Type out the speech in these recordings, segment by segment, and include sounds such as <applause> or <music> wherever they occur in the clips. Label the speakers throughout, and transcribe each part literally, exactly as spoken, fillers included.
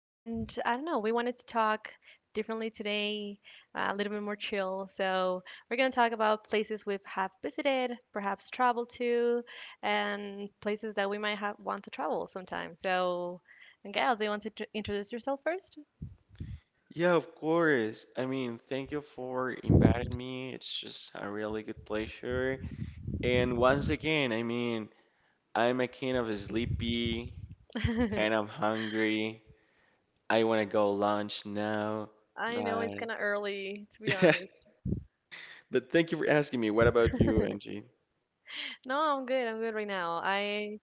Speaker 1: And I don't know, we wanted to talk differently today, uh, a little bit more chill. So, we're going to talk about places we've have visited, perhaps traveled to, and places that we might have want to travel sometime. So, Gail, do you want to tr- introduce yourself first?
Speaker 2: Yeah, of course. I mean, thank you for inviting me. It's just a really good pleasure. And once again, I mean, I'm a kind of sleepy,
Speaker 1: <laughs>
Speaker 2: kind of hungry. I want to go lunch now,
Speaker 1: I know it's
Speaker 2: but
Speaker 1: kind of early, to be
Speaker 2: <laughs> yeah.
Speaker 1: honest.
Speaker 2: But thank you for asking me. What about you, Angie?
Speaker 1: No, I'm good. I'm good right now. I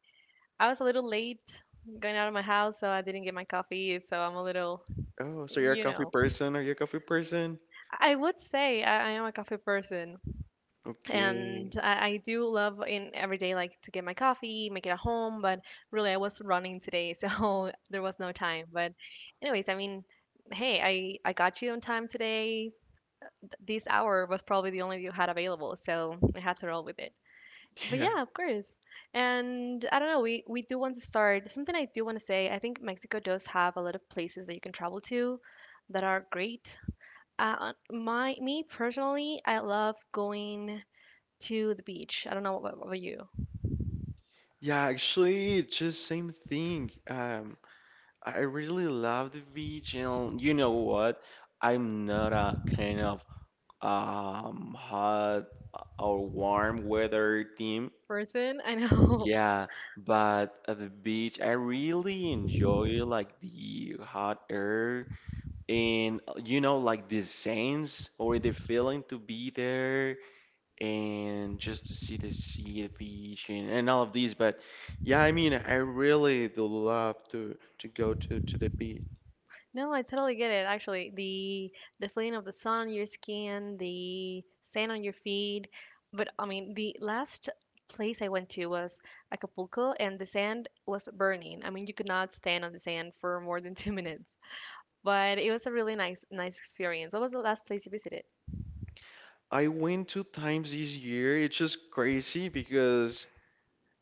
Speaker 1: I was a little late going out of my house, so I didn't get my coffee. So I'm a little,
Speaker 2: Oh, so you're a
Speaker 1: you
Speaker 2: coffee
Speaker 1: know,
Speaker 2: person? Are you a coffee person?
Speaker 1: I would say I, I am a coffee person, and
Speaker 2: Okay.
Speaker 1: I, I do love in every day like to get my coffee, make it at home. But really, I was running today, so <laughs> there was no time. But anyways, I mean, hey, I I got you on time today. This hour was probably the only you had available, so I had to roll with it.
Speaker 2: <laughs>
Speaker 1: But
Speaker 2: Yeah.
Speaker 1: yeah, of course. And I don't know, we, we do want to start. Something I do want to say, I think Mexico does have a lot of places that you can travel to that are great. Uh, my Me personally, I love going to the beach. I don't know what about you.
Speaker 2: Yeah, actually, just same thing. Um, I really love the beach, and you know what? I'm not a kind of um hot or warm weather team.
Speaker 1: Person, <laughs> I know.
Speaker 2: Yeah, but at the beach, I really enjoy like the hot air and uh, you know like the sense or the feeling to be there and just to see the sea, the beach, and, and all of these. But yeah, I mean, I really do love to to go to to the beach.
Speaker 1: No, I totally get it. Actually, the the feeling of the sun on your skin, the sand on your feet. But I mean, the last place I went to was Acapulco, and the sand was burning. I mean, you could not stand on the sand for more than <laughs> two minutes. But it was a really nice nice experience. What was the last place you visited?
Speaker 2: I went two times this year. It's just crazy because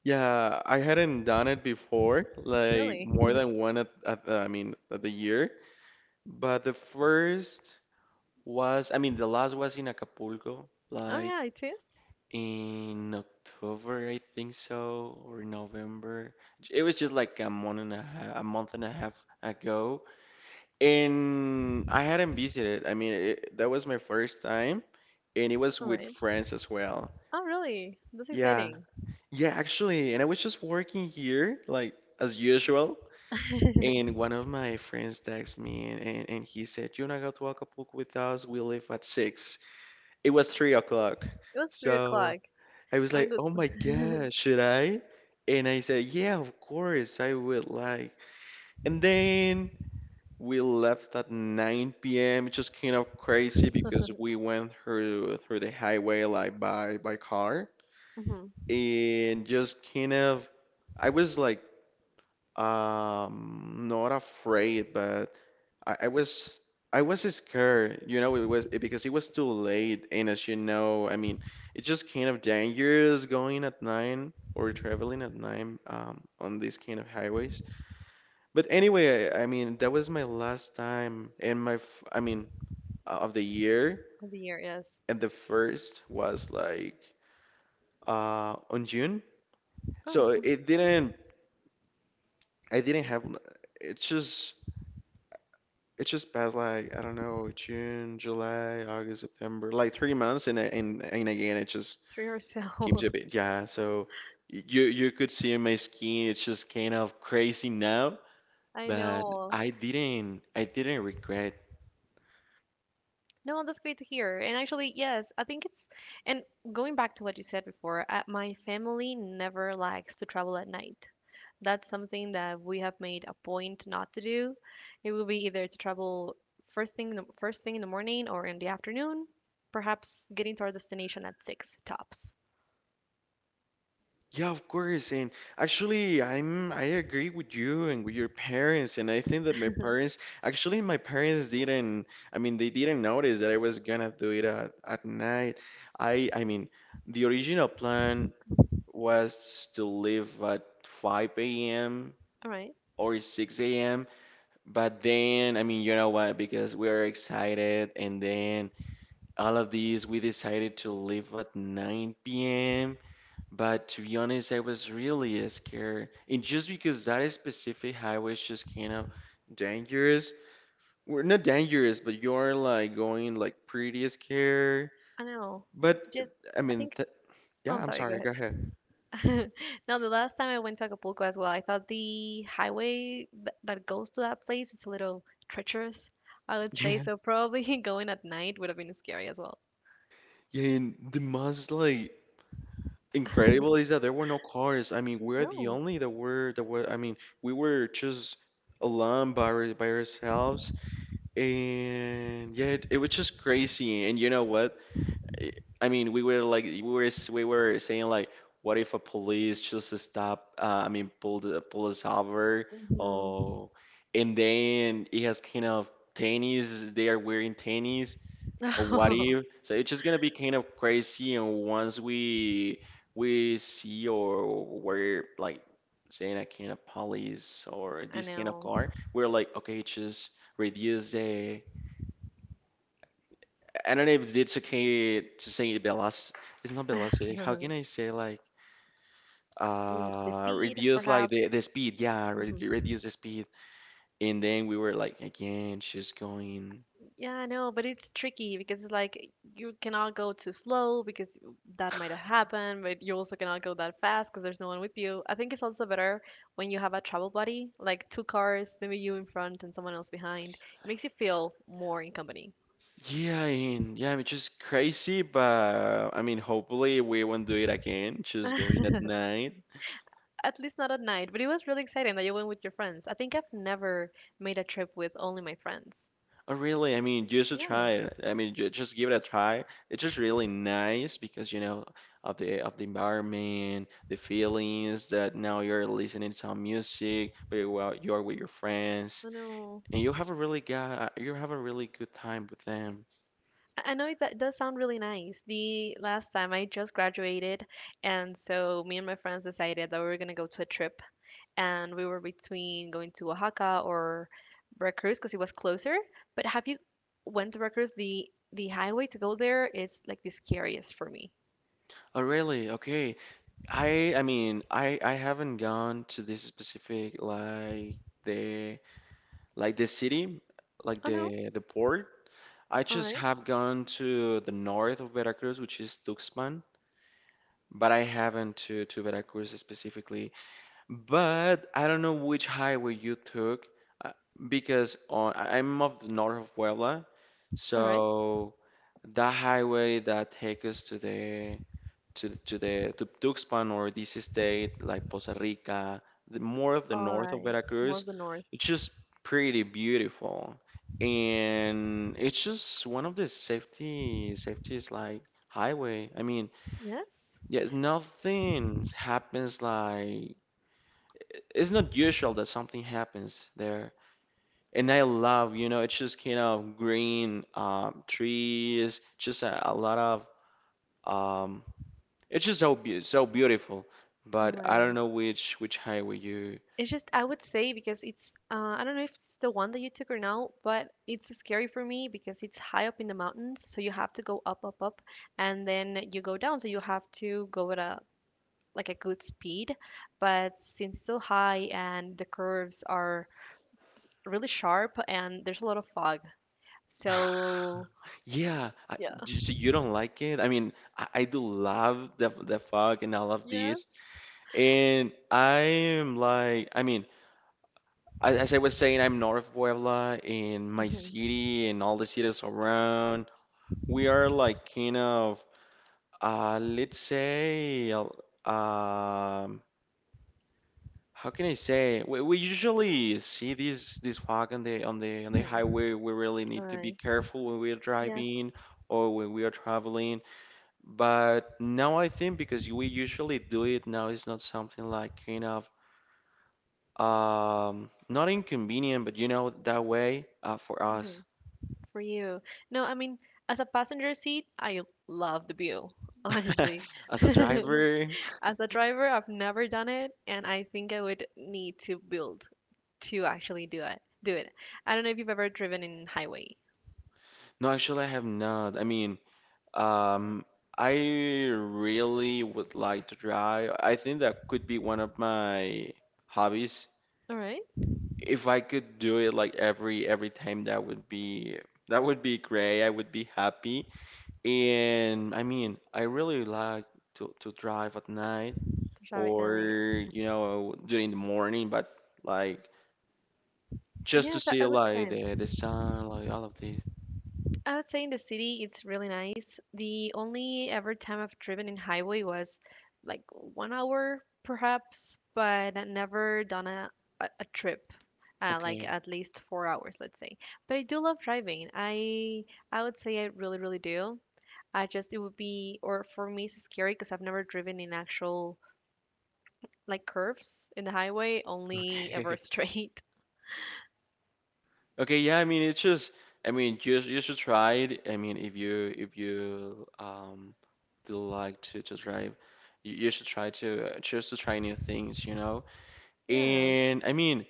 Speaker 2: yeah, I hadn't done it before, like
Speaker 1: Really?
Speaker 2: more than one at, at the- I mean at the year. But the first was, I mean, the last was in Acapulco,
Speaker 1: Oh
Speaker 2: like
Speaker 1: yeah, I too.
Speaker 2: in October I think so, or November. J- It was just like a month and a half, a month and a half ago, and I hadn't visited. I mean it, that was my first time, and it was
Speaker 1: All
Speaker 2: with
Speaker 1: right.
Speaker 2: friends as well.
Speaker 1: Oh really? That's
Speaker 2: Yeah,
Speaker 1: exciting.
Speaker 2: yeah, actually, and I was just working here, like as usual, and one of my friends texted me and, and, and he said, "Do" "You wanna go to Acapulco with us? We leave at six." It was three o'clock.
Speaker 1: It was three
Speaker 2: So
Speaker 1: o'clock.
Speaker 2: I was
Speaker 1: I mean,
Speaker 2: like,
Speaker 1: the.
Speaker 2: "Oh my God, should I?" And I said, "Yeah, of course, I would like." And then we left at nine p m. It's just kind of crazy because we went through through the highway, like by by car,
Speaker 1: Hmm.
Speaker 2: and just kind of. I was like, Um, not afraid, but I, I was I was scared, you know, it was it, because it was too late, and as you know, I mean, it's just kind of dangerous going at nine, or traveling at nine um, on these kind of highways. But anyway, I, I mean, that was my last time and my f- I mean, uh, of the year,
Speaker 1: Of the year, yes.
Speaker 2: and the first was like uh on June,
Speaker 1: Oh,
Speaker 2: so
Speaker 1: mhm.
Speaker 2: it didn't, I didn't have, it's just. It's just past, like I don't know, June, July, August, September, like three months, and and and again it just
Speaker 1: Three or
Speaker 2: keeps a
Speaker 1: so.
Speaker 2: bit. Yeah, so you you could see on my skin, it's just kind of crazy now,
Speaker 1: <laughs> I
Speaker 2: but
Speaker 1: know.
Speaker 2: I didn't I didn't regret.
Speaker 1: No, that's great to hear. And actually, yes, I think it's, and going back to what you said before, uh, my family never likes to travel at night. That's something that we have made a point not to do. It will be either to travel first thing in the, first thing in the morning or in the afternoon, perhaps getting to our destination at six tops.
Speaker 2: Yeah, of course, and actually I'm I agree with you and with your parents, and I think that my
Speaker 1: <laughs>
Speaker 2: parents, actually, my parents didn't, I mean, they didn't notice that I was gonna do it at, at night. I I mean. The original plan was to leave at five a m
Speaker 1: All right.
Speaker 2: or six a m. But then, I mean, you know what? Because we are excited, and then all of these, we decided to leave at nine p m. But to be honest, I was really scared. And just because that specific highway is just kind of dangerous. We're not dangerous, but you're like going like pretty scared.
Speaker 1: I know.
Speaker 2: But
Speaker 1: Just,
Speaker 2: I
Speaker 1: I
Speaker 2: mean,
Speaker 1: think,
Speaker 2: th
Speaker 1: oh,
Speaker 2: yeah,
Speaker 1: I'm
Speaker 2: I'm
Speaker 1: sorry, go
Speaker 2: sorry.
Speaker 1: ahead.
Speaker 2: Go ahead.
Speaker 1: <laughs> No, the last time I went to Acapulco as well, I thought the highway th that goes to that place, it's a little treacherous, I would say.
Speaker 2: Yeah,
Speaker 1: So probably <laughs> going at night would have been scary as well.
Speaker 2: yeah, and the most like incredible is that there were no cars. I mean, we're the
Speaker 1: No.
Speaker 2: only that were that were. I mean, we were just alone, by our- by ourselves, and yeah, it, it was just crazy. And you know what? I I mean, we were like, we were s- we were saying like, what if a police just stop? Uh, I mean, pulled pull us over.
Speaker 1: Hmm.
Speaker 2: Oh, and then it has kind of tennis. They are wearing tennis. Or what
Speaker 1: <laughs>
Speaker 2: if? So it's just gonna be kind of crazy. And once we we see, or we're like saying, a kind of police or
Speaker 1: I
Speaker 2: this kind of
Speaker 1: know.
Speaker 2: car, we're like, okay, just reduce the. I don't know if it's okay to say velocity. It's not velocity. How
Speaker 1: <laughs>
Speaker 2: can I say, like,
Speaker 1: Mm, the
Speaker 2: uh
Speaker 1: speed,
Speaker 2: reduce like
Speaker 1: perhaps.
Speaker 2: the the speed? Yeah, re
Speaker 1: Mm-hmm.
Speaker 2: reduce the speed. And then we were like, again, just going.
Speaker 1: Yeah, I know, but it's tricky because it's like you cannot go too slow because that might have happened, but you also cannot go that fast because there's no one with you. I think it's also better when you have a travel buddy, like two cars, maybe you in front and someone else behind. It makes you feel more in company.
Speaker 2: Yeah, I mean, yeah, I mean, just crazy, but I mean, hopefully we won't do it again. Just going at
Speaker 1: <laughs>
Speaker 2: night.
Speaker 1: At least not at night, but it was really exciting that you went with your friends. I think I've never made a trip with only my friends.
Speaker 2: Oh, really? I mean, you should
Speaker 1: Yeah,
Speaker 2: try it. I mean, ju- just give it a try. It's just really nice because, you know of the of the environment, the feelings that now you're listening to some music, but you're out- you're with your friends,
Speaker 1: I know.
Speaker 2: and you have a really guy, you have a really good time with them.
Speaker 1: I I know it that does sound really nice. The last time I just graduated, and so me and my friends decided that we were gonna go to a trip, and we were between going to Oaxaca or Veracruz because it was closer. But have you went to Veracruz? The the highway to go there is like the scariest for me.
Speaker 2: Oh, really? Okay. I I mean, I I haven't gone to this specific, like the like the city, like
Speaker 1: Oh no!
Speaker 2: the the port. I
Speaker 1: All
Speaker 2: just
Speaker 1: right,
Speaker 2: have gone to the north of Veracruz, which is Tuxpan, but I haven't to to Veracruz specifically. But I don't know which highway you took, uh, because on I- I'm of the north of Puebla,
Speaker 1: all right,
Speaker 2: so that highway that takes us to the to to the to Tuxpan, or this state like Poza Rica, the more of the
Speaker 1: all
Speaker 2: north of
Speaker 1: right. More
Speaker 2: Veracruz,
Speaker 1: of the north.
Speaker 2: it's just pretty beautiful. And it's just one of the safety safety's like highway. I mean,
Speaker 1: Yes.
Speaker 2: yeah, nothing happens, like it's not usual that something happens there. And I love, you know, it's just kind of green, um, trees, just a, a lot of um, It's just so be so beautiful,
Speaker 1: All
Speaker 2: but I don't
Speaker 1: right.
Speaker 2: know which which highway you. <sighs>
Speaker 1: It's just I would say because it's uh, I don't know if it's the one that you took or now, but it's scary for me because it's high up in the mountains, so you have to go up, up, up, and then you go down, so you have to go at a like a good speed. But since it's so high and the curves are really sharp and there's a lot of fog,
Speaker 2: <laughs>
Speaker 1: so.
Speaker 2: Yeah, I,
Speaker 1: Yeah.
Speaker 2: j- so you don't like it? I mean, I, I do love the the fog and all of
Speaker 1: Yeah.
Speaker 2: this, and I am like, I mean, I, as I was saying, I'm north of Puebla, and my
Speaker 1: Mhm,
Speaker 2: city and all the cities around, we are like kind of, uh, let's say, uh, um, how can I say? We, we usually see these these fog on the on the on the
Speaker 1: mhm.
Speaker 2: highway. We really
Speaker 1: All
Speaker 2: need to be
Speaker 1: right.
Speaker 2: careful when we are driving,
Speaker 1: Yes.
Speaker 2: or when we are traveling. But now I think, because we usually do it now, it's not something like kind of um not inconvenient, but you know that way, uh, for
Speaker 1: Hmm.
Speaker 2: us
Speaker 1: For you. No, I mean, as a passenger seat, I love the view, honestly.
Speaker 2: <laughs> as a driver.
Speaker 1: <laughs> As a driver, I've never done it, and I think I would need to build to actually do it. Do it. I don't know if you've ever driven in highway.
Speaker 2: No, actually, I have not. I mean, um, I really would like to drive. I think that could be one of my hobbies.
Speaker 1: All right.
Speaker 2: If I could do it like every every time, that would be, that would be great. I would be happy. And I mean, I really like to to drive at night,
Speaker 1: There's all right now.
Speaker 2: or you know during the morning, but like just to
Speaker 1: Yes, I
Speaker 2: see
Speaker 1: I would
Speaker 2: like
Speaker 1: say.
Speaker 2: the the sun, like all of this.
Speaker 1: I would say in the city it's really nice. The only ever time I've driven in highway was like one hour perhaps, but I never done a, a, a trip. Uh, like
Speaker 2: Okay,
Speaker 1: at least four hours, let's say. But I do love driving. I I would say I really, really do. I just it would be or for me it's scary because I've never driven in actual like curves in the highway,
Speaker 2: <laughs>
Speaker 1: only
Speaker 2: okay.
Speaker 1: ever straight. <laughs>
Speaker 2: Okay, yeah, I mean it's just, I mean you you should try it. I mean, if you if you um do like to to drive, you, you should try to just to try new things, you know?
Speaker 1: Yeah,
Speaker 2: And I mean,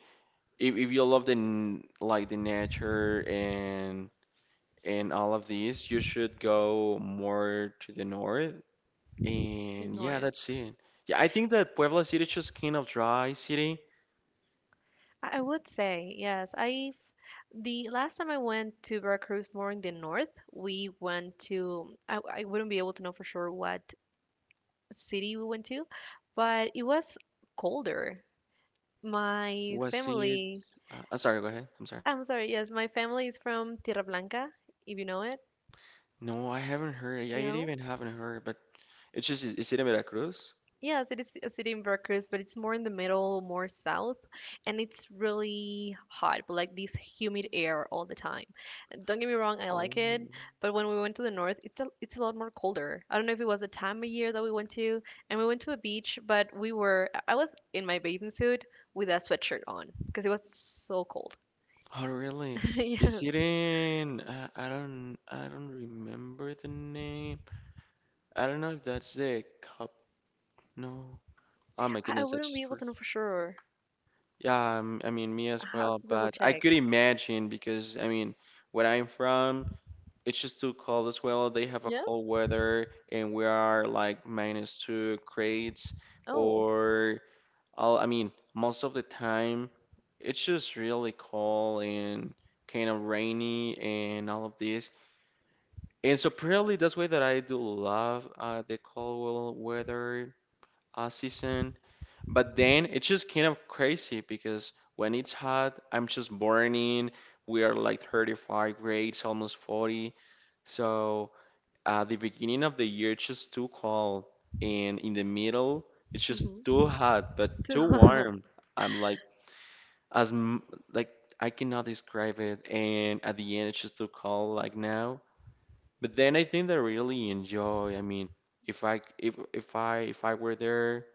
Speaker 2: if if you love the n- like the nature and and all of these, you should go more to the north.
Speaker 1: the
Speaker 2: And yeah,
Speaker 1: north.
Speaker 2: that's it. Yeah, I think that Puebla City is just kind of dry city.
Speaker 1: I, I would say yes. I've the last time I went to Veracruz, more in the north, we went to I, I wouldn't be able to know for sure what city we went to, but it was colder. My
Speaker 2: Was it?
Speaker 1: family,
Speaker 2: Uh, I'm sorry, go ahead. I'm sorry.
Speaker 1: I'm sorry, yes, my family is from Tierra Blanca, if you know it.
Speaker 2: No, I haven't heard. I
Speaker 1: No?
Speaker 2: even haven't heard, but it's just, is it in Veracruz?
Speaker 1: Yeah, it is a city in Veracruz, but it's more in the middle, more south, and it's really hot, but like this humid air all the time. And don't get me wrong, I like
Speaker 2: Oh,
Speaker 1: it, but when we went to the north, it's a it's a lot more colder. I don't know if it was a time of year that we went to, and we went to a beach, but we were I was in my bathing suit with a sweatshirt on because it was so cold.
Speaker 2: oh really?
Speaker 1: <laughs>
Speaker 2: Is
Speaker 1: Yeah,
Speaker 2: it in, uh, I don't, I don't remember the name. I don't know if that's the cup. No. Oh my
Speaker 1: I, I
Speaker 2: goodness, I
Speaker 1: wouldn't be
Speaker 2: just
Speaker 1: able
Speaker 2: forgot.
Speaker 1: to know for sure.
Speaker 2: Yeah, um, I mean, me
Speaker 1: I
Speaker 2: as
Speaker 1: have
Speaker 2: well,
Speaker 1: to double
Speaker 2: but I
Speaker 1: check.
Speaker 2: could imagine because, I mean, where I'm from, it's just too cold as well. They have a
Speaker 1: Yeah.
Speaker 2: cold weather and we are like minus two grades,
Speaker 1: Oh,
Speaker 2: or I'll, I mean, most of the time, it's just really cold and kind of rainy and all of this. And so probably that's why that I do love uh, the cold weather uh, season. But then it's just kind of crazy because when it's hot, I'm just burning. We are like thirty-five grades, almost forty. So uh, the beginning of the year, it's just too cold. And in the middle, it's just
Speaker 1: hmm.
Speaker 2: too hot, but too
Speaker 1: <laughs>
Speaker 2: warm. I'm like, as m- like I cannot describe it, and at the end it's just too cold, like now. But then I think that I really enjoy. I mean, if I if if I if I were there,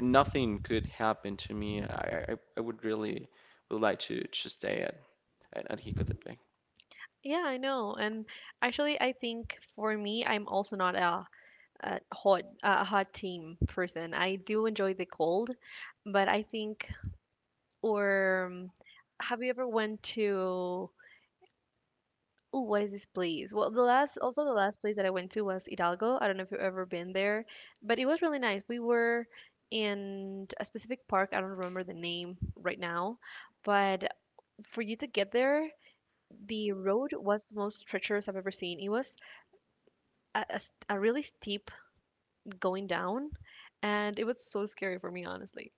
Speaker 2: nothing could happen to me. I I, I would really would like to to stay at at, at Jicotepec.
Speaker 1: Yeah, I know. And actually, I think for me, I'm also not a, a hot a hot team person. I do enjoy the cold, but I think or um, have you ever went to. Oh, what is this place? Well, the last also the last place that I went to was Hidalgo. I don't know if you've ever been there, but it was really nice. We were in a specific park. I don't remember the name right now, but for you to get there, the road was the most treacherous I've ever seen. It was A a, st- a really steep going down, and it was so scary for me, honestly.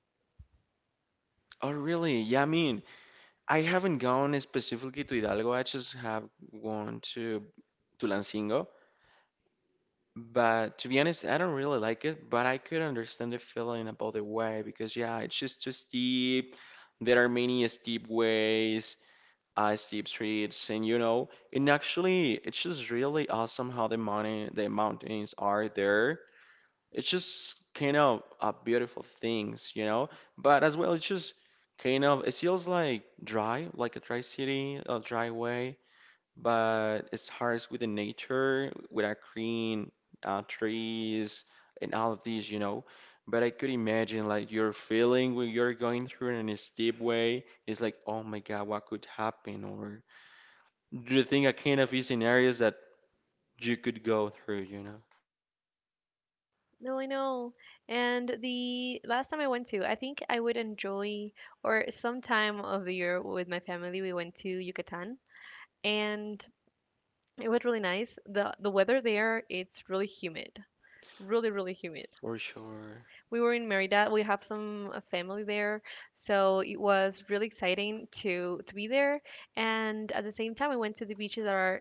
Speaker 2: Oh really? Yeah, I mean, I haven't gone specifically to Hidalgo. I just have gone to Tulancingo. But to be honest, I don't really like it, but I could understand the feeling about the way, because yeah, it's just too steep. There are many steep ways, uh, steep streets, and, you know, and actually, it's just really awesome how the mountain, the mountains are there. It's just kind of uh, beautiful things, you know. But as well, it's just kind of it feels like dry, like a dry city, a dry way, but it starts with the nature, with our green uh, trees and all of these, you know. But I could imagine like your feeling when you're going through it in a steep way. It's like, oh my God, what could happen? Or do you think I kind of these scenarios that you could go through, you know?
Speaker 1: No, I know. And the last time I went to, I think I would enjoy, or some time of the year with my family, we went to Yucatan, and it was really nice. the The weather there, it's really humid, really, really humid.
Speaker 2: For sure.
Speaker 1: We were in Merida. We have some uh, family there, so it was really exciting to to be there. And at the same time, we went to the beaches that are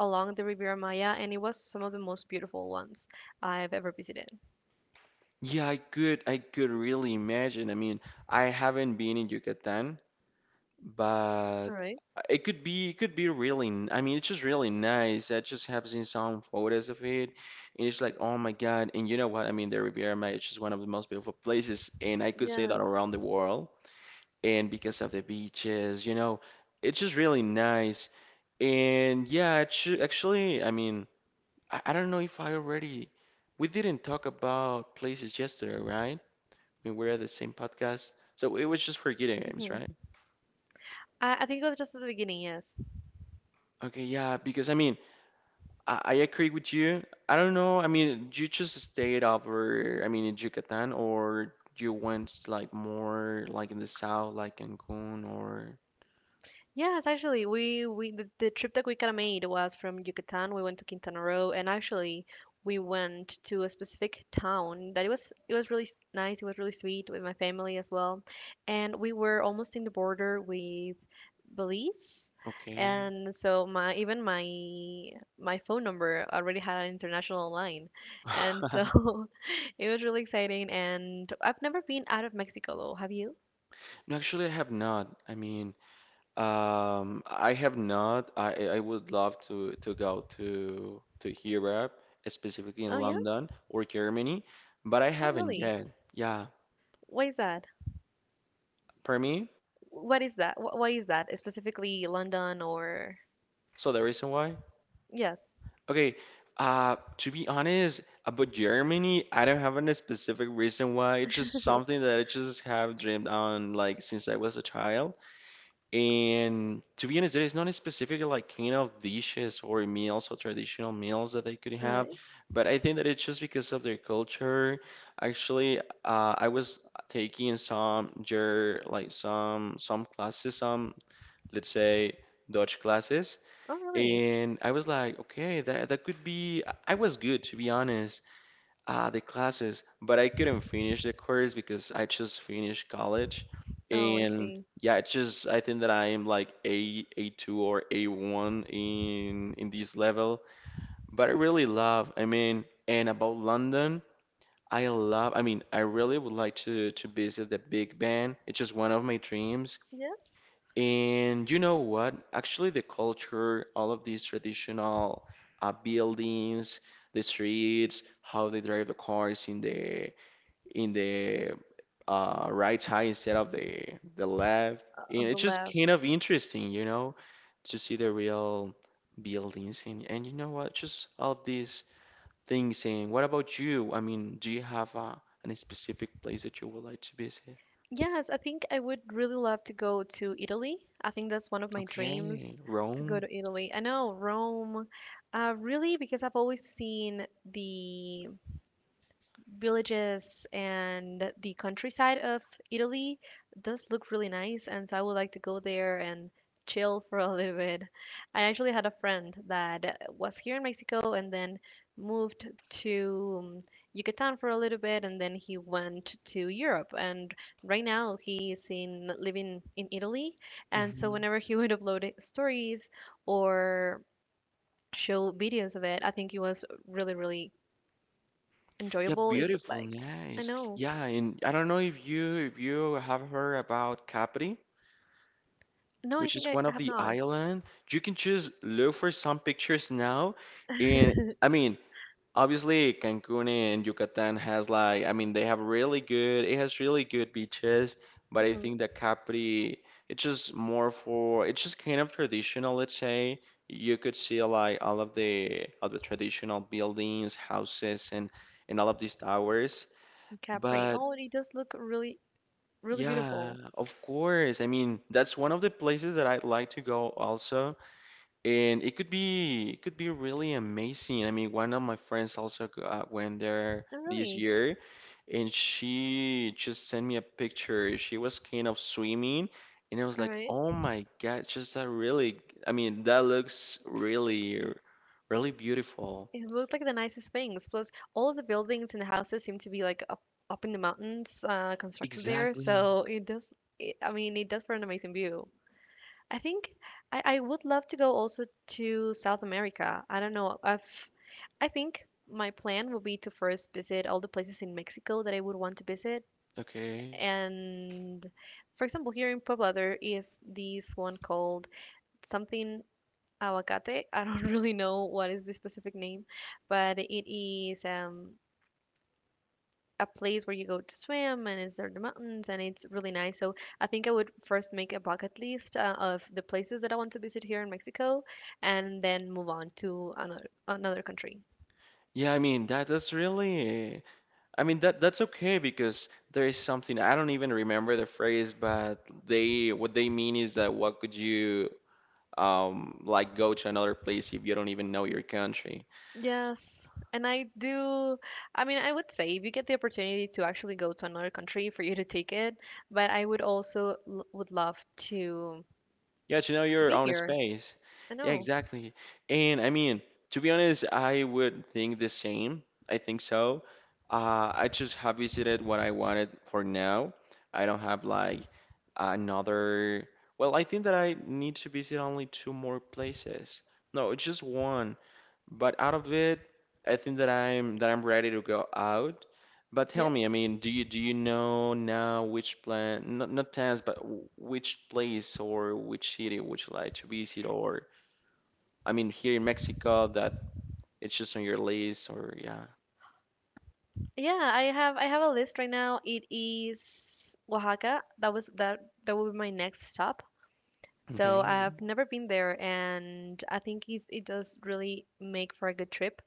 Speaker 1: along the Riviera Maya, and it was some of the most beautiful ones I've ever visited.
Speaker 2: Yeah, I could, I could really imagine. I mean, I haven't been in Yucatan, but
Speaker 1: All right.
Speaker 2: it could be it could be really n- I mean, it's just really nice. I just have seen some photos of it, and it's like, oh my God. And you know what? I mean, the Riviera Maya is just one of the most beautiful places, and I could say
Speaker 1: Yeah.
Speaker 2: that around the world. And because of the beaches, you know, it's just really nice. And yeah, actu- actually, I mean, I, I don't know, if I already we didn't talk about places yesterday, right? I mean, we're at the same podcast. So it was just for video games, right?
Speaker 1: Hmm. I, I think it was just at the beginning, yes.
Speaker 2: Okay, yeah, because I mean, I I agree with you. I don't know. I mean, you just stayed over, I mean, in Yucatan, or you went like more like in the south, like Cancun, or.
Speaker 1: Yes, actually, we we the, the trip that we kind of made was from Yucatan. We went to Quintana Roo, and actually, we went to a specific town that it was it was really s- nice. It was really sweet with my family as well, and we were almost in the border with Belize.
Speaker 2: Okay.
Speaker 1: And so my even my my phone number already had an international line. And
Speaker 2: <laughs>
Speaker 1: so <laughs> it was really exciting and I've never been out of Mexico though. Have you?
Speaker 2: No, actually, I have not. I mean, um, I have not. I I I would love to to go to to Europe, specifically in
Speaker 1: Oh yeah?
Speaker 2: London or Germany, but I
Speaker 1: Oh
Speaker 2: haven't
Speaker 1: really?
Speaker 2: yet. Yeah,
Speaker 1: Why is that?
Speaker 2: for me.
Speaker 1: What is that? Wh- Why is that? Specifically London or.
Speaker 2: So the reason why.
Speaker 1: Yes.
Speaker 2: Okay, uh, to be honest, about Germany, I don't have any specific reason why. It's just something that I just have dreamed on like since I was a child. And to be honest, there is not a specific like kind of dishes or meals or traditional meals that they could
Speaker 1: All
Speaker 2: have.
Speaker 1: right.
Speaker 2: But I think that it's just because of their culture. Actually, uh, I was taking some ger like some some classes, some, let's say, Dutch classes.
Speaker 1: Oh really?
Speaker 2: And I was like, okay, that that could be. I I was good, to be honest, uh, the classes, but I couldn't finish the course because I just finished college.
Speaker 1: Oh, I
Speaker 2: And
Speaker 1: see.
Speaker 2: yeah, it's just I think that I am like A A2 or A one in in this level, but I really love. I mean, and about London, I love. I mean, I really would like to to visit the Big Ben. It's just one of my dreams.
Speaker 1: Yes.
Speaker 2: And you know what? Actually, the culture, all of these traditional uh, buildings, the streets, how they drive the cars in the in the uh, right side instead of the the left,
Speaker 1: Uh,
Speaker 2: and
Speaker 1: on the
Speaker 2: it's just
Speaker 1: left.
Speaker 2: kind of interesting, you know, to see the real buildings and and you know what? Just all of these things. And what about you? I mean, do you have a, any specific place that you would like to visit?
Speaker 1: Yes, I think I would really love to go to Italy. I think that's one of my dreams.
Speaker 2: Okay,
Speaker 1: To go
Speaker 2: Rome.
Speaker 1: to Italy. I know Rome, uh, really, because I've always seen the villages and the countryside of Italy does look really nice, and so I would like to go there and chill <laughs> for a little bit. I actually had a friend that was here in Mexico and then moved to um, Yucatan for a little bit, and then he went to Europe. And right now he's in living in Italy, and so
Speaker 2: Mm-hmm.
Speaker 1: whenever he <laughs> would upload it- stories or show videos of it, I think it was really, really
Speaker 2: Yeah,
Speaker 1: enjoyable. It looked
Speaker 2: beautiful,
Speaker 1: like. I
Speaker 2: nice.
Speaker 1: know.
Speaker 2: Yeah, and I don't know if you if you have heard about Capri,
Speaker 1: No, I
Speaker 2: which
Speaker 1: think
Speaker 2: is
Speaker 1: I
Speaker 2: one of
Speaker 1: have
Speaker 2: the
Speaker 1: not.
Speaker 2: island. You can just look for some pictures now, and I mean, obviously Cancun and Yucatan has like, I mean, they have really good it has really good beaches, but I
Speaker 1: Hmm.
Speaker 2: think that Capri, it's just more for it's just kind of traditional, let's say. You could see like all of the all the traditional buildings, houses, and and all of these towers.
Speaker 1: Capri.
Speaker 2: But
Speaker 1: Oh, it does look really, really
Speaker 2: yeah,
Speaker 1: beautiful.
Speaker 2: of course. I mean, that's one of the places that I'd like to go also, and it could be it could be really amazing. I mean, one of my friends also go- uh, went there
Speaker 1: Oh,
Speaker 2: this
Speaker 1: really?
Speaker 2: year, and she just sent me a picture. She was kind of swimming, and I was
Speaker 1: All
Speaker 2: like,
Speaker 1: right.
Speaker 2: "Oh my God, just that really, I mean, that looks really, really beautiful."
Speaker 1: It looked like the nicest things. Plus, all of the buildings and the houses seem to be like up, up in the mountains, uh, constructed there.
Speaker 2: Exactly.
Speaker 1: So it does. It, I mean, it does for an amazing view. I think I, I would love to go also to South America. I don't know. I've I think My plan will be to first visit all the places in Mexico that I would want to visit.
Speaker 2: Okay.
Speaker 1: And for example, here in Puebla, there is this one called something aguacate. <laughs> I don't really know what is the specific name, but it is um, a place where you go to swim and it's there the mountains and it's really nice. So I think I would first make a bucket list uh, of the places that I want to visit here in Mexico and then move on to another another country.
Speaker 2: Yeah, I mean, that that's really. I mean, that that's okay, because there is something. I don't even remember the phrase, but they what they mean is that what could you um like go to another place if you don't even know your country?
Speaker 1: Yes, and I do. I mean, I would say if you get the opportunity to actually go to another country for you to take it, but I would also l would love to
Speaker 2: Yeah, to know
Speaker 1: to
Speaker 2: your
Speaker 1: be
Speaker 2: own
Speaker 1: here.
Speaker 2: space.
Speaker 1: I
Speaker 2: Yeah,
Speaker 1: know.
Speaker 2: exactly. And I mean, to be honest, I would think the same. I think so. Uh, I just have visited what I wanted for now. I don't have like another. Well, I think that I need to visit only two more places. No, it's just one. But out of it, I think that I'm that I'm ready to go out. But tell
Speaker 1: Yeah.
Speaker 2: me, I mean, do you do you know now which plan, not not plans, but w- which place or which city would you like to visit? Or I mean, here in Mexico, that it's just on your list, or yeah.
Speaker 1: Yeah, I have I have a list right now. It is Oaxaca. That was that That will be my next stop. So
Speaker 2: Okay.
Speaker 1: I've never been there and I think it's, it does really make for a good trip.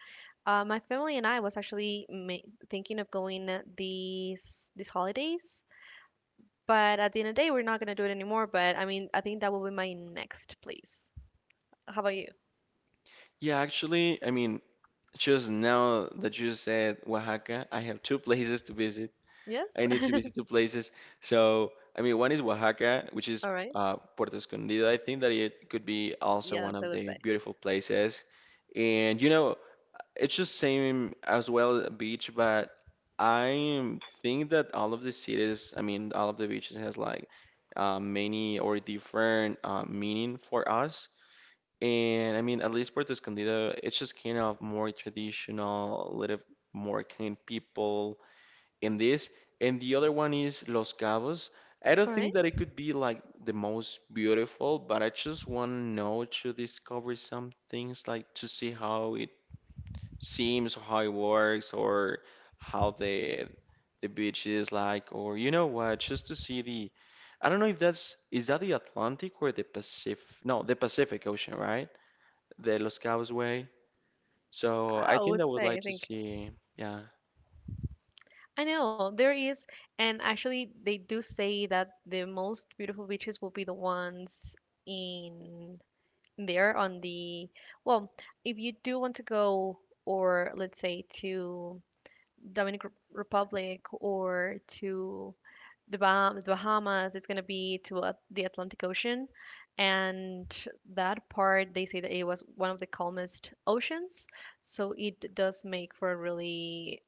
Speaker 1: Uh, my family and I was actually ma thinking of going uh, these these holidays. But at the end of the day, we're not gonna do it anymore. But I mean, I think that will be my next place. How about you?
Speaker 2: Yeah, actually, I mean, just now that you said Oaxaca, I have two places to visit.
Speaker 1: Yes.
Speaker 2: I need to visit two places. So, I mean, one is Oaxaca, which is,
Speaker 1: All right.
Speaker 2: uh, Puerto Escondido. I think that it could be also
Speaker 1: Yes,
Speaker 2: one
Speaker 1: I
Speaker 2: of
Speaker 1: would
Speaker 2: the
Speaker 1: say.
Speaker 2: beautiful places. And you know, it's just same as well a beach, but I think that all of the cities, I mean, all of the beaches has like uh, many or different uh, meaning for us. And I mean, at least Puerto Escondido, it's just kind of more traditional, a little more kind people in this, and the other one is Los Cabos. I don't
Speaker 1: All
Speaker 2: think
Speaker 1: right.
Speaker 2: that it could be like the most beautiful, but I just want to know to discover some things, like to see how it seems, how it works, or how the the beach is like, or you know what, just to see the. I don't know if that's is that the Atlantic or the Pacific? No, the Pacific Ocean, right? The Los Cabos way. So I
Speaker 1: I
Speaker 2: think I
Speaker 1: would
Speaker 2: would like
Speaker 1: say. I
Speaker 2: to
Speaker 1: think.
Speaker 2: see, yeah.
Speaker 1: I know there is, and actually, they do say that the most beautiful beaches will be the ones in there on the well, if you do want to go, or let's say to Dominican Republic or to the, Baham- the Bahamas. It's going to be to uh, the Atlantic Ocean. And that part, they say that it was one of the calmest oceans. So it does make for a really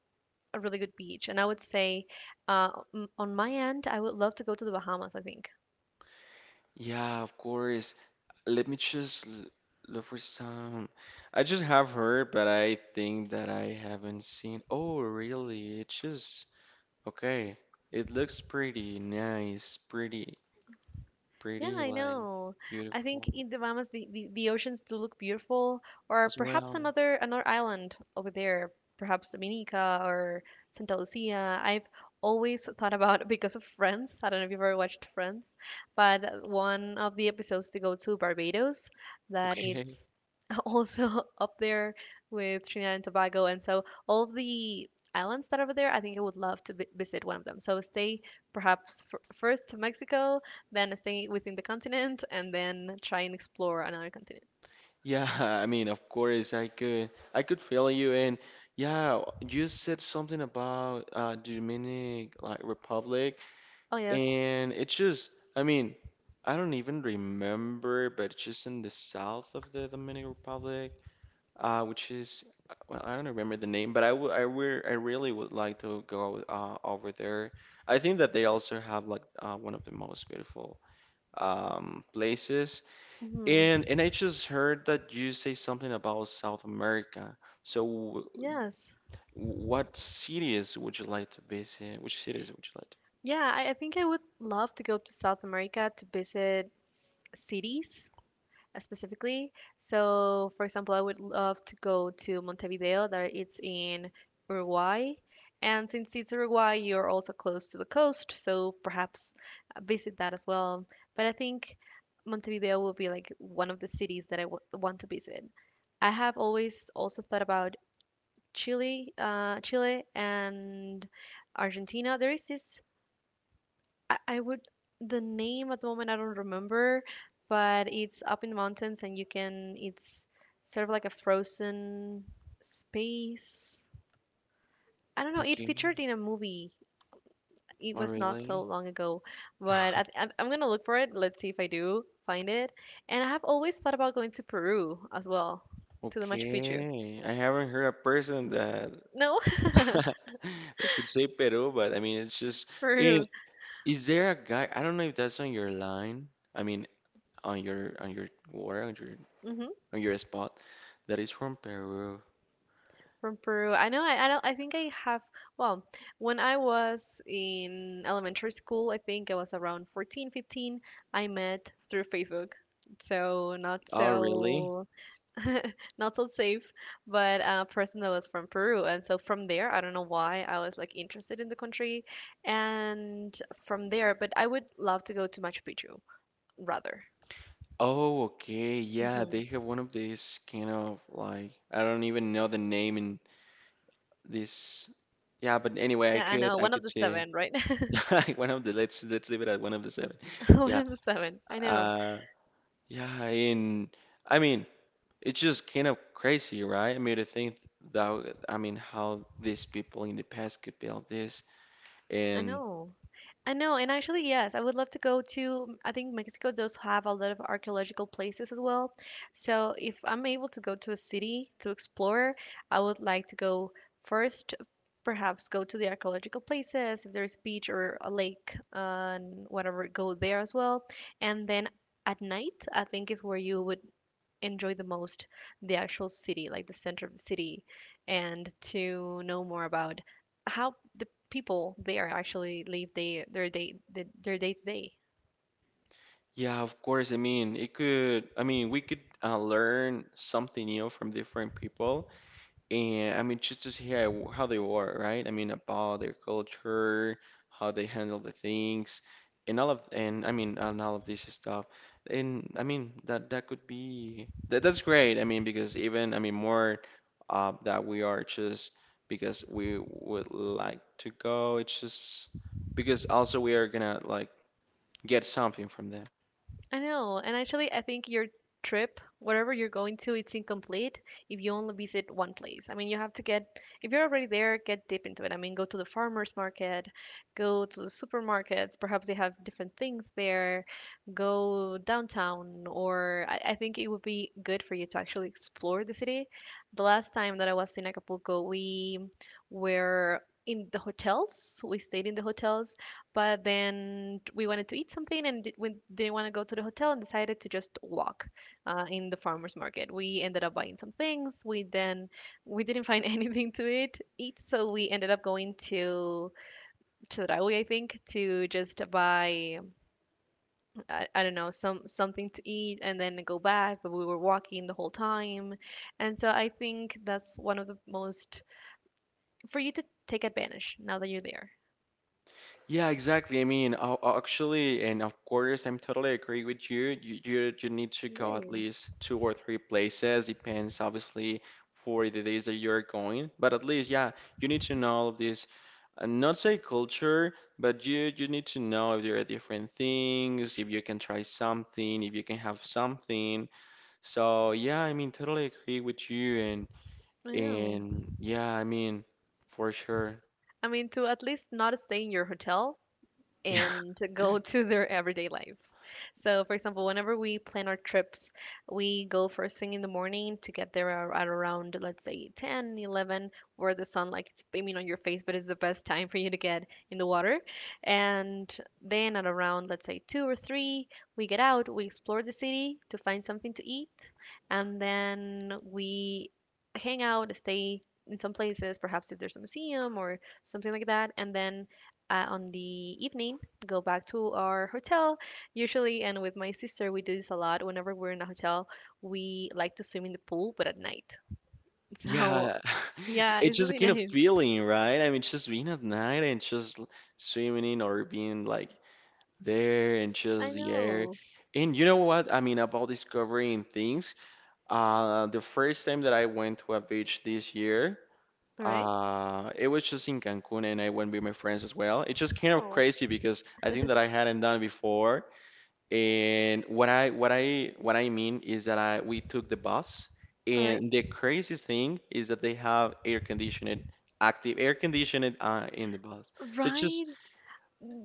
Speaker 1: a really good beach. And I would say uh, m- on my end, I would love to go to the Bahamas, I think.
Speaker 2: Yeah, of course. Let me just l- look for some. I just have heard, but I think that I haven't seen. Oh, really? It just okay. It looks pretty nice, pretty,
Speaker 1: Yeah,
Speaker 2: pretty
Speaker 1: I
Speaker 2: like
Speaker 1: know. I think
Speaker 2: beautiful
Speaker 1: in the Bahamas, the, the, the oceans do look beautiful, or
Speaker 2: as
Speaker 1: perhaps
Speaker 2: well.
Speaker 1: another another island over there, perhaps Dominica or Santa Lucia. I've always thought about <laughs> because of Friends. I don't know if you've ever watched Friends, but one of the episodes to go to Barbados, that
Speaker 2: Okay.
Speaker 1: <laughs> also up there with Trinidad and Tobago. And so all of the islands that are there, I think I would love to vi- visit one of them. So stay perhaps f- first to Mexico, then stay within the continent, and then try and explore another continent.
Speaker 2: Yeah, <laughs> I mean, of course, I could, I could feel you, and yeah, you said something about uh, Dominic like Republic.
Speaker 1: Oh, yes.
Speaker 2: And it's just, I mean, I don't even remember, but it's just in the south of the Dominican Republic, uh, which is, well, I don't remember the name, but I wou- I wou- I really would like to go uh, over there. I think that they also have like uh, one of the most beautiful um, places.
Speaker 1: Hmm.
Speaker 2: And and I just heard that you say something about South America. So, w-
Speaker 1: Yes.
Speaker 2: what cities would you like to visit? Which cities would you like to?
Speaker 1: Yeah, I, I think I would love to go to South America to visit cities uh, specifically. So, for example, I would love to go to Montevideo, that it's in Uruguay. And since it's Uruguay, you're also close to the coast, so perhaps uh, visit that as well. But I think Montevideo will be like one of the cities that I w want to visit. I have always also thought about Chile, uh, Chile and Argentina. There is this I, I would the name at the moment I don't remember, but it's up in mountains and you can it's sort of like a frozen space. I don't know. It
Speaker 2: Okay.
Speaker 1: featured in a movie. It
Speaker 2: Oh,
Speaker 1: was not so
Speaker 2: really?
Speaker 1: long ago, but I, I, I'm gonna look for it. Let's see if I do find it. And I have always thought about going to Peru as well, to the Machu Picchu.
Speaker 2: Okay, I haven't heard a person that
Speaker 1: No,
Speaker 2: <laughs> that could say Peru, but I mean, it's just.
Speaker 1: <laughs>
Speaker 2: And
Speaker 1: Peru.
Speaker 2: is there a guy? I don't know if that's on your line. I mean, on your on your where on your
Speaker 1: Hmm.
Speaker 2: on your spot that is from Peru.
Speaker 1: From Peru. I know I, I don't I think I have well, when I was in elementary school, I think I was around fourteen, fifteen. I met through Facebook. So not
Speaker 2: Oh, really?
Speaker 1: so not so safe, but a person that was from Peru. And so from there, I don't know why I was like interested in the country and from there, but I would love to go to Machu Picchu rather.
Speaker 2: Oh, okay. Yeah,
Speaker 1: Hmm.
Speaker 2: they have one of these kind of like I don't even know the name in this. Yeah, but anyway, I
Speaker 1: Yeah, I
Speaker 2: could
Speaker 1: know.
Speaker 2: I
Speaker 1: One of
Speaker 2: could
Speaker 1: the
Speaker 2: say
Speaker 1: seven, right?
Speaker 2: <laughs> one of the let's let's leave it at one of the seven.
Speaker 1: <laughs> One
Speaker 2: Yeah.
Speaker 1: of the seven. I know.
Speaker 2: uh, Yeah, and I mean, it's just kind of crazy, right? I mean, to think that, I mean, how these people in the past could build this.
Speaker 1: I
Speaker 2: And
Speaker 1: know. I know, and actually, yes, I would love to go to. I think Mexico does have a lot of archaeological places as well. So if I'm able to go to a city to explore, I would like to go first, perhaps go to the archaeological places. If there's a beach or a lake, uh, and whatever, go there as well. And then at night, I think is where you would enjoy the most the actual city, like the center of the city, and to know more about how the people there actually live they, their day their day to day.
Speaker 2: yeah, of course, I mean, it could, I mean, we could uh, learn something new from different people. And I mean, just to see how, how they were, right? I mean, about their culture, how they handle the things, and all of, and I mean, and all of this stuff. And I mean, that that could be that that's great. I mean, because even I mean, more uh, that we are just because we would like to go. It's just because also we are gonna like get something from them.
Speaker 1: I know, and actually, I think your trip, whatever you're going to, it's incomplete if you only visit one place. I mean, you have to get, if you're already there, get deep into it. I mean, go to the farmers market, go to the supermarkets, perhaps they have different things there, go downtown, or I, I think it would be good for you to actually explore the city. The last time that I was in Acapulco, we were in the hotels, we stayed in the hotels, but then we wanted to eat something and di- we didn't want to go to the hotel and decided to just walk uh, in the farmers market. We ended up buying some things. We then we didn't find <laughs> anything to eat eat, so we ended up going to Chedraui, I think, to just buy I, I don't know, some something to eat and then go back. But we were walking the whole time, and so I think that's one of the most for you to take advantage now that you're there.
Speaker 2: Yeah, exactly. I mean, uh, uh, actually, and of course, I'm totally agree with you. You, you. you need to go at
Speaker 1: Great.
Speaker 2: least two or three places. Depends, obviously, for the days that you're going. But at least, yeah, you need to know all of this. uh, Not say culture, but you you need to know if there are different things, if you can try something, if you can have something. So yeah, I mean, totally agree with you, and
Speaker 1: Yeah.
Speaker 2: and yeah, I mean, for sure.
Speaker 1: I mean, to at least not stay in your hotel
Speaker 2: <laughs>
Speaker 1: and to go <laughs> to their everyday life. So, for example, whenever we plan our trips, we go first thing in the morning to get there ar- at around, let's say, ten, eleven, where the sun like it's beaming on your face, but it's the best time for you to get in the water. And then at around, let's say, two or three, we get out, we explore the city to find something to eat, and then we hang out, stay in some places, perhaps if there's a museum or something like that, and then uh, on the evening, go back to our hotel. Usually, and with my sister, we do this a lot. Whenever we're in a hotel, we like to swim in the pool, but at night. <laughs> So,
Speaker 2: Yeah, <laughs>
Speaker 1: yeah,
Speaker 2: it's
Speaker 1: it's
Speaker 2: just a
Speaker 1: really
Speaker 2: kind of
Speaker 1: nice.
Speaker 2: feeling, right? I mean, just being at night and just l- swimming in or being like there and
Speaker 1: I
Speaker 2: just the air.
Speaker 1: know.
Speaker 2: And you know what? I mean, about discovering things. Uh, the first time that I went to a beach this year,
Speaker 1: All right.
Speaker 2: uh, it was just in Cancun, and I went with my friends as well. It's just kind of
Speaker 1: Oh,
Speaker 2: crazy because I think that I hadn't done it before, and what I what I what I mean is that I we took the bus,
Speaker 1: all right.
Speaker 2: and the craziest thing is that they have air conditioning, active air conditioning uh, in the bus. So it's just
Speaker 1: Right.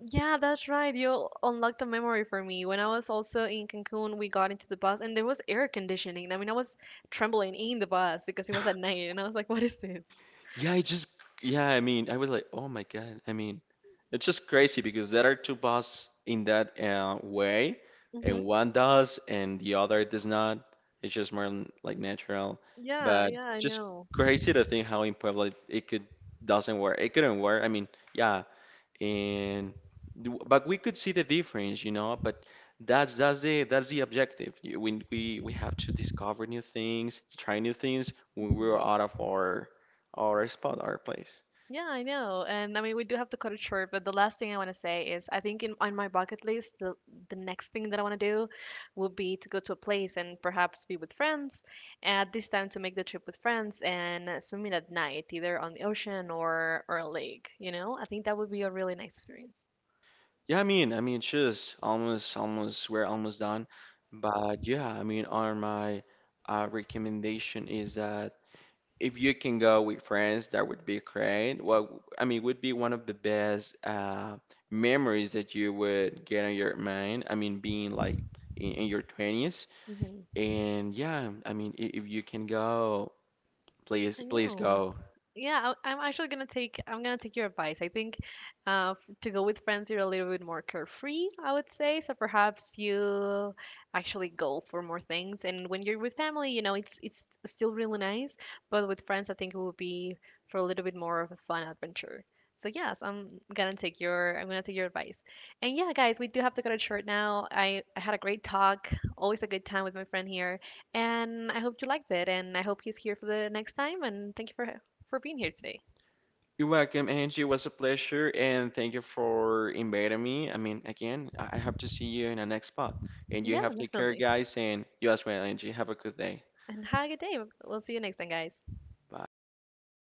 Speaker 1: Yeah, that's right. You unlocked a memory for me. When I was also in Cancun, we got into the bus and there was air conditioning. I mean, I was trembling in the bus because it was at night and I was like, what is this?
Speaker 2: yeah, it just yeah. I mean, I was like, oh my God. I mean, it's just crazy because there are two buses in that uh, way,
Speaker 1: Hmm.
Speaker 2: and one does and the other does not. It's just more n- like natural,
Speaker 1: Yeah,
Speaker 2: but
Speaker 1: yeah, I
Speaker 2: just
Speaker 1: know.
Speaker 2: crazy to think how in Puebla it, it could doesn't work. It couldn't work. I mean, yeah. and th- but we could see the difference you know but that's that's the that's the objective. You- when we we have to discover new things, try new things when we're
Speaker 1: Hmm.
Speaker 2: out of our our spot, our place.
Speaker 1: Yeah, I know. And I mean, we do have to cut it short, but the last thing I want to say is I think in, on my bucket list, the, the next thing that I want to do would be to go to a place and perhaps be with friends. At this time, to make the trip with friends and uh, swimming at night, either on the ocean, or, or a lake, you know? I think that would be a really nice experience.
Speaker 2: Yeah, i mean i mean just almost almost, we're almost done. But yeah, I mean, on my uh, recommendation is that if you can go with friends, that would be great. Well, I mean, would be one of the best uh, memories that you would get on your mind. I mean, being like in, in your twenties.
Speaker 1: Hmm.
Speaker 2: And yeah, I mean, i- if you can go, please,
Speaker 1: I
Speaker 2: please
Speaker 1: know.
Speaker 2: go.
Speaker 1: Yeah, I- I'm actually gonna take I'm gonna take your advice. I think uh, f- to go with friends, you're a little bit more carefree, I would say. So perhaps you actually go for more things. And when you're with family, you know, it's it's still really nice, but with friends, I think it would be for a little bit more of a fun adventure. So yes, I'm gonna take your I'm gonna take your advice. And yeah, guys, we do have to cut it short now. I, I had a great talk, always a good time with my friend here. And I hope you liked it, and I hope he's here for the next time. And thank you for for being here today.
Speaker 2: You're welcome, Angie. It was a pleasure, and thank you for inviting me. I mean, again, I I hope to see you in the next spot. And you
Speaker 1: Yeah,
Speaker 2: have to take care,
Speaker 1: definitely.
Speaker 2: guys, and you as well, Angie. Have a good day.
Speaker 1: And have a good day. We'll see you next time, guys.
Speaker 2: Bye.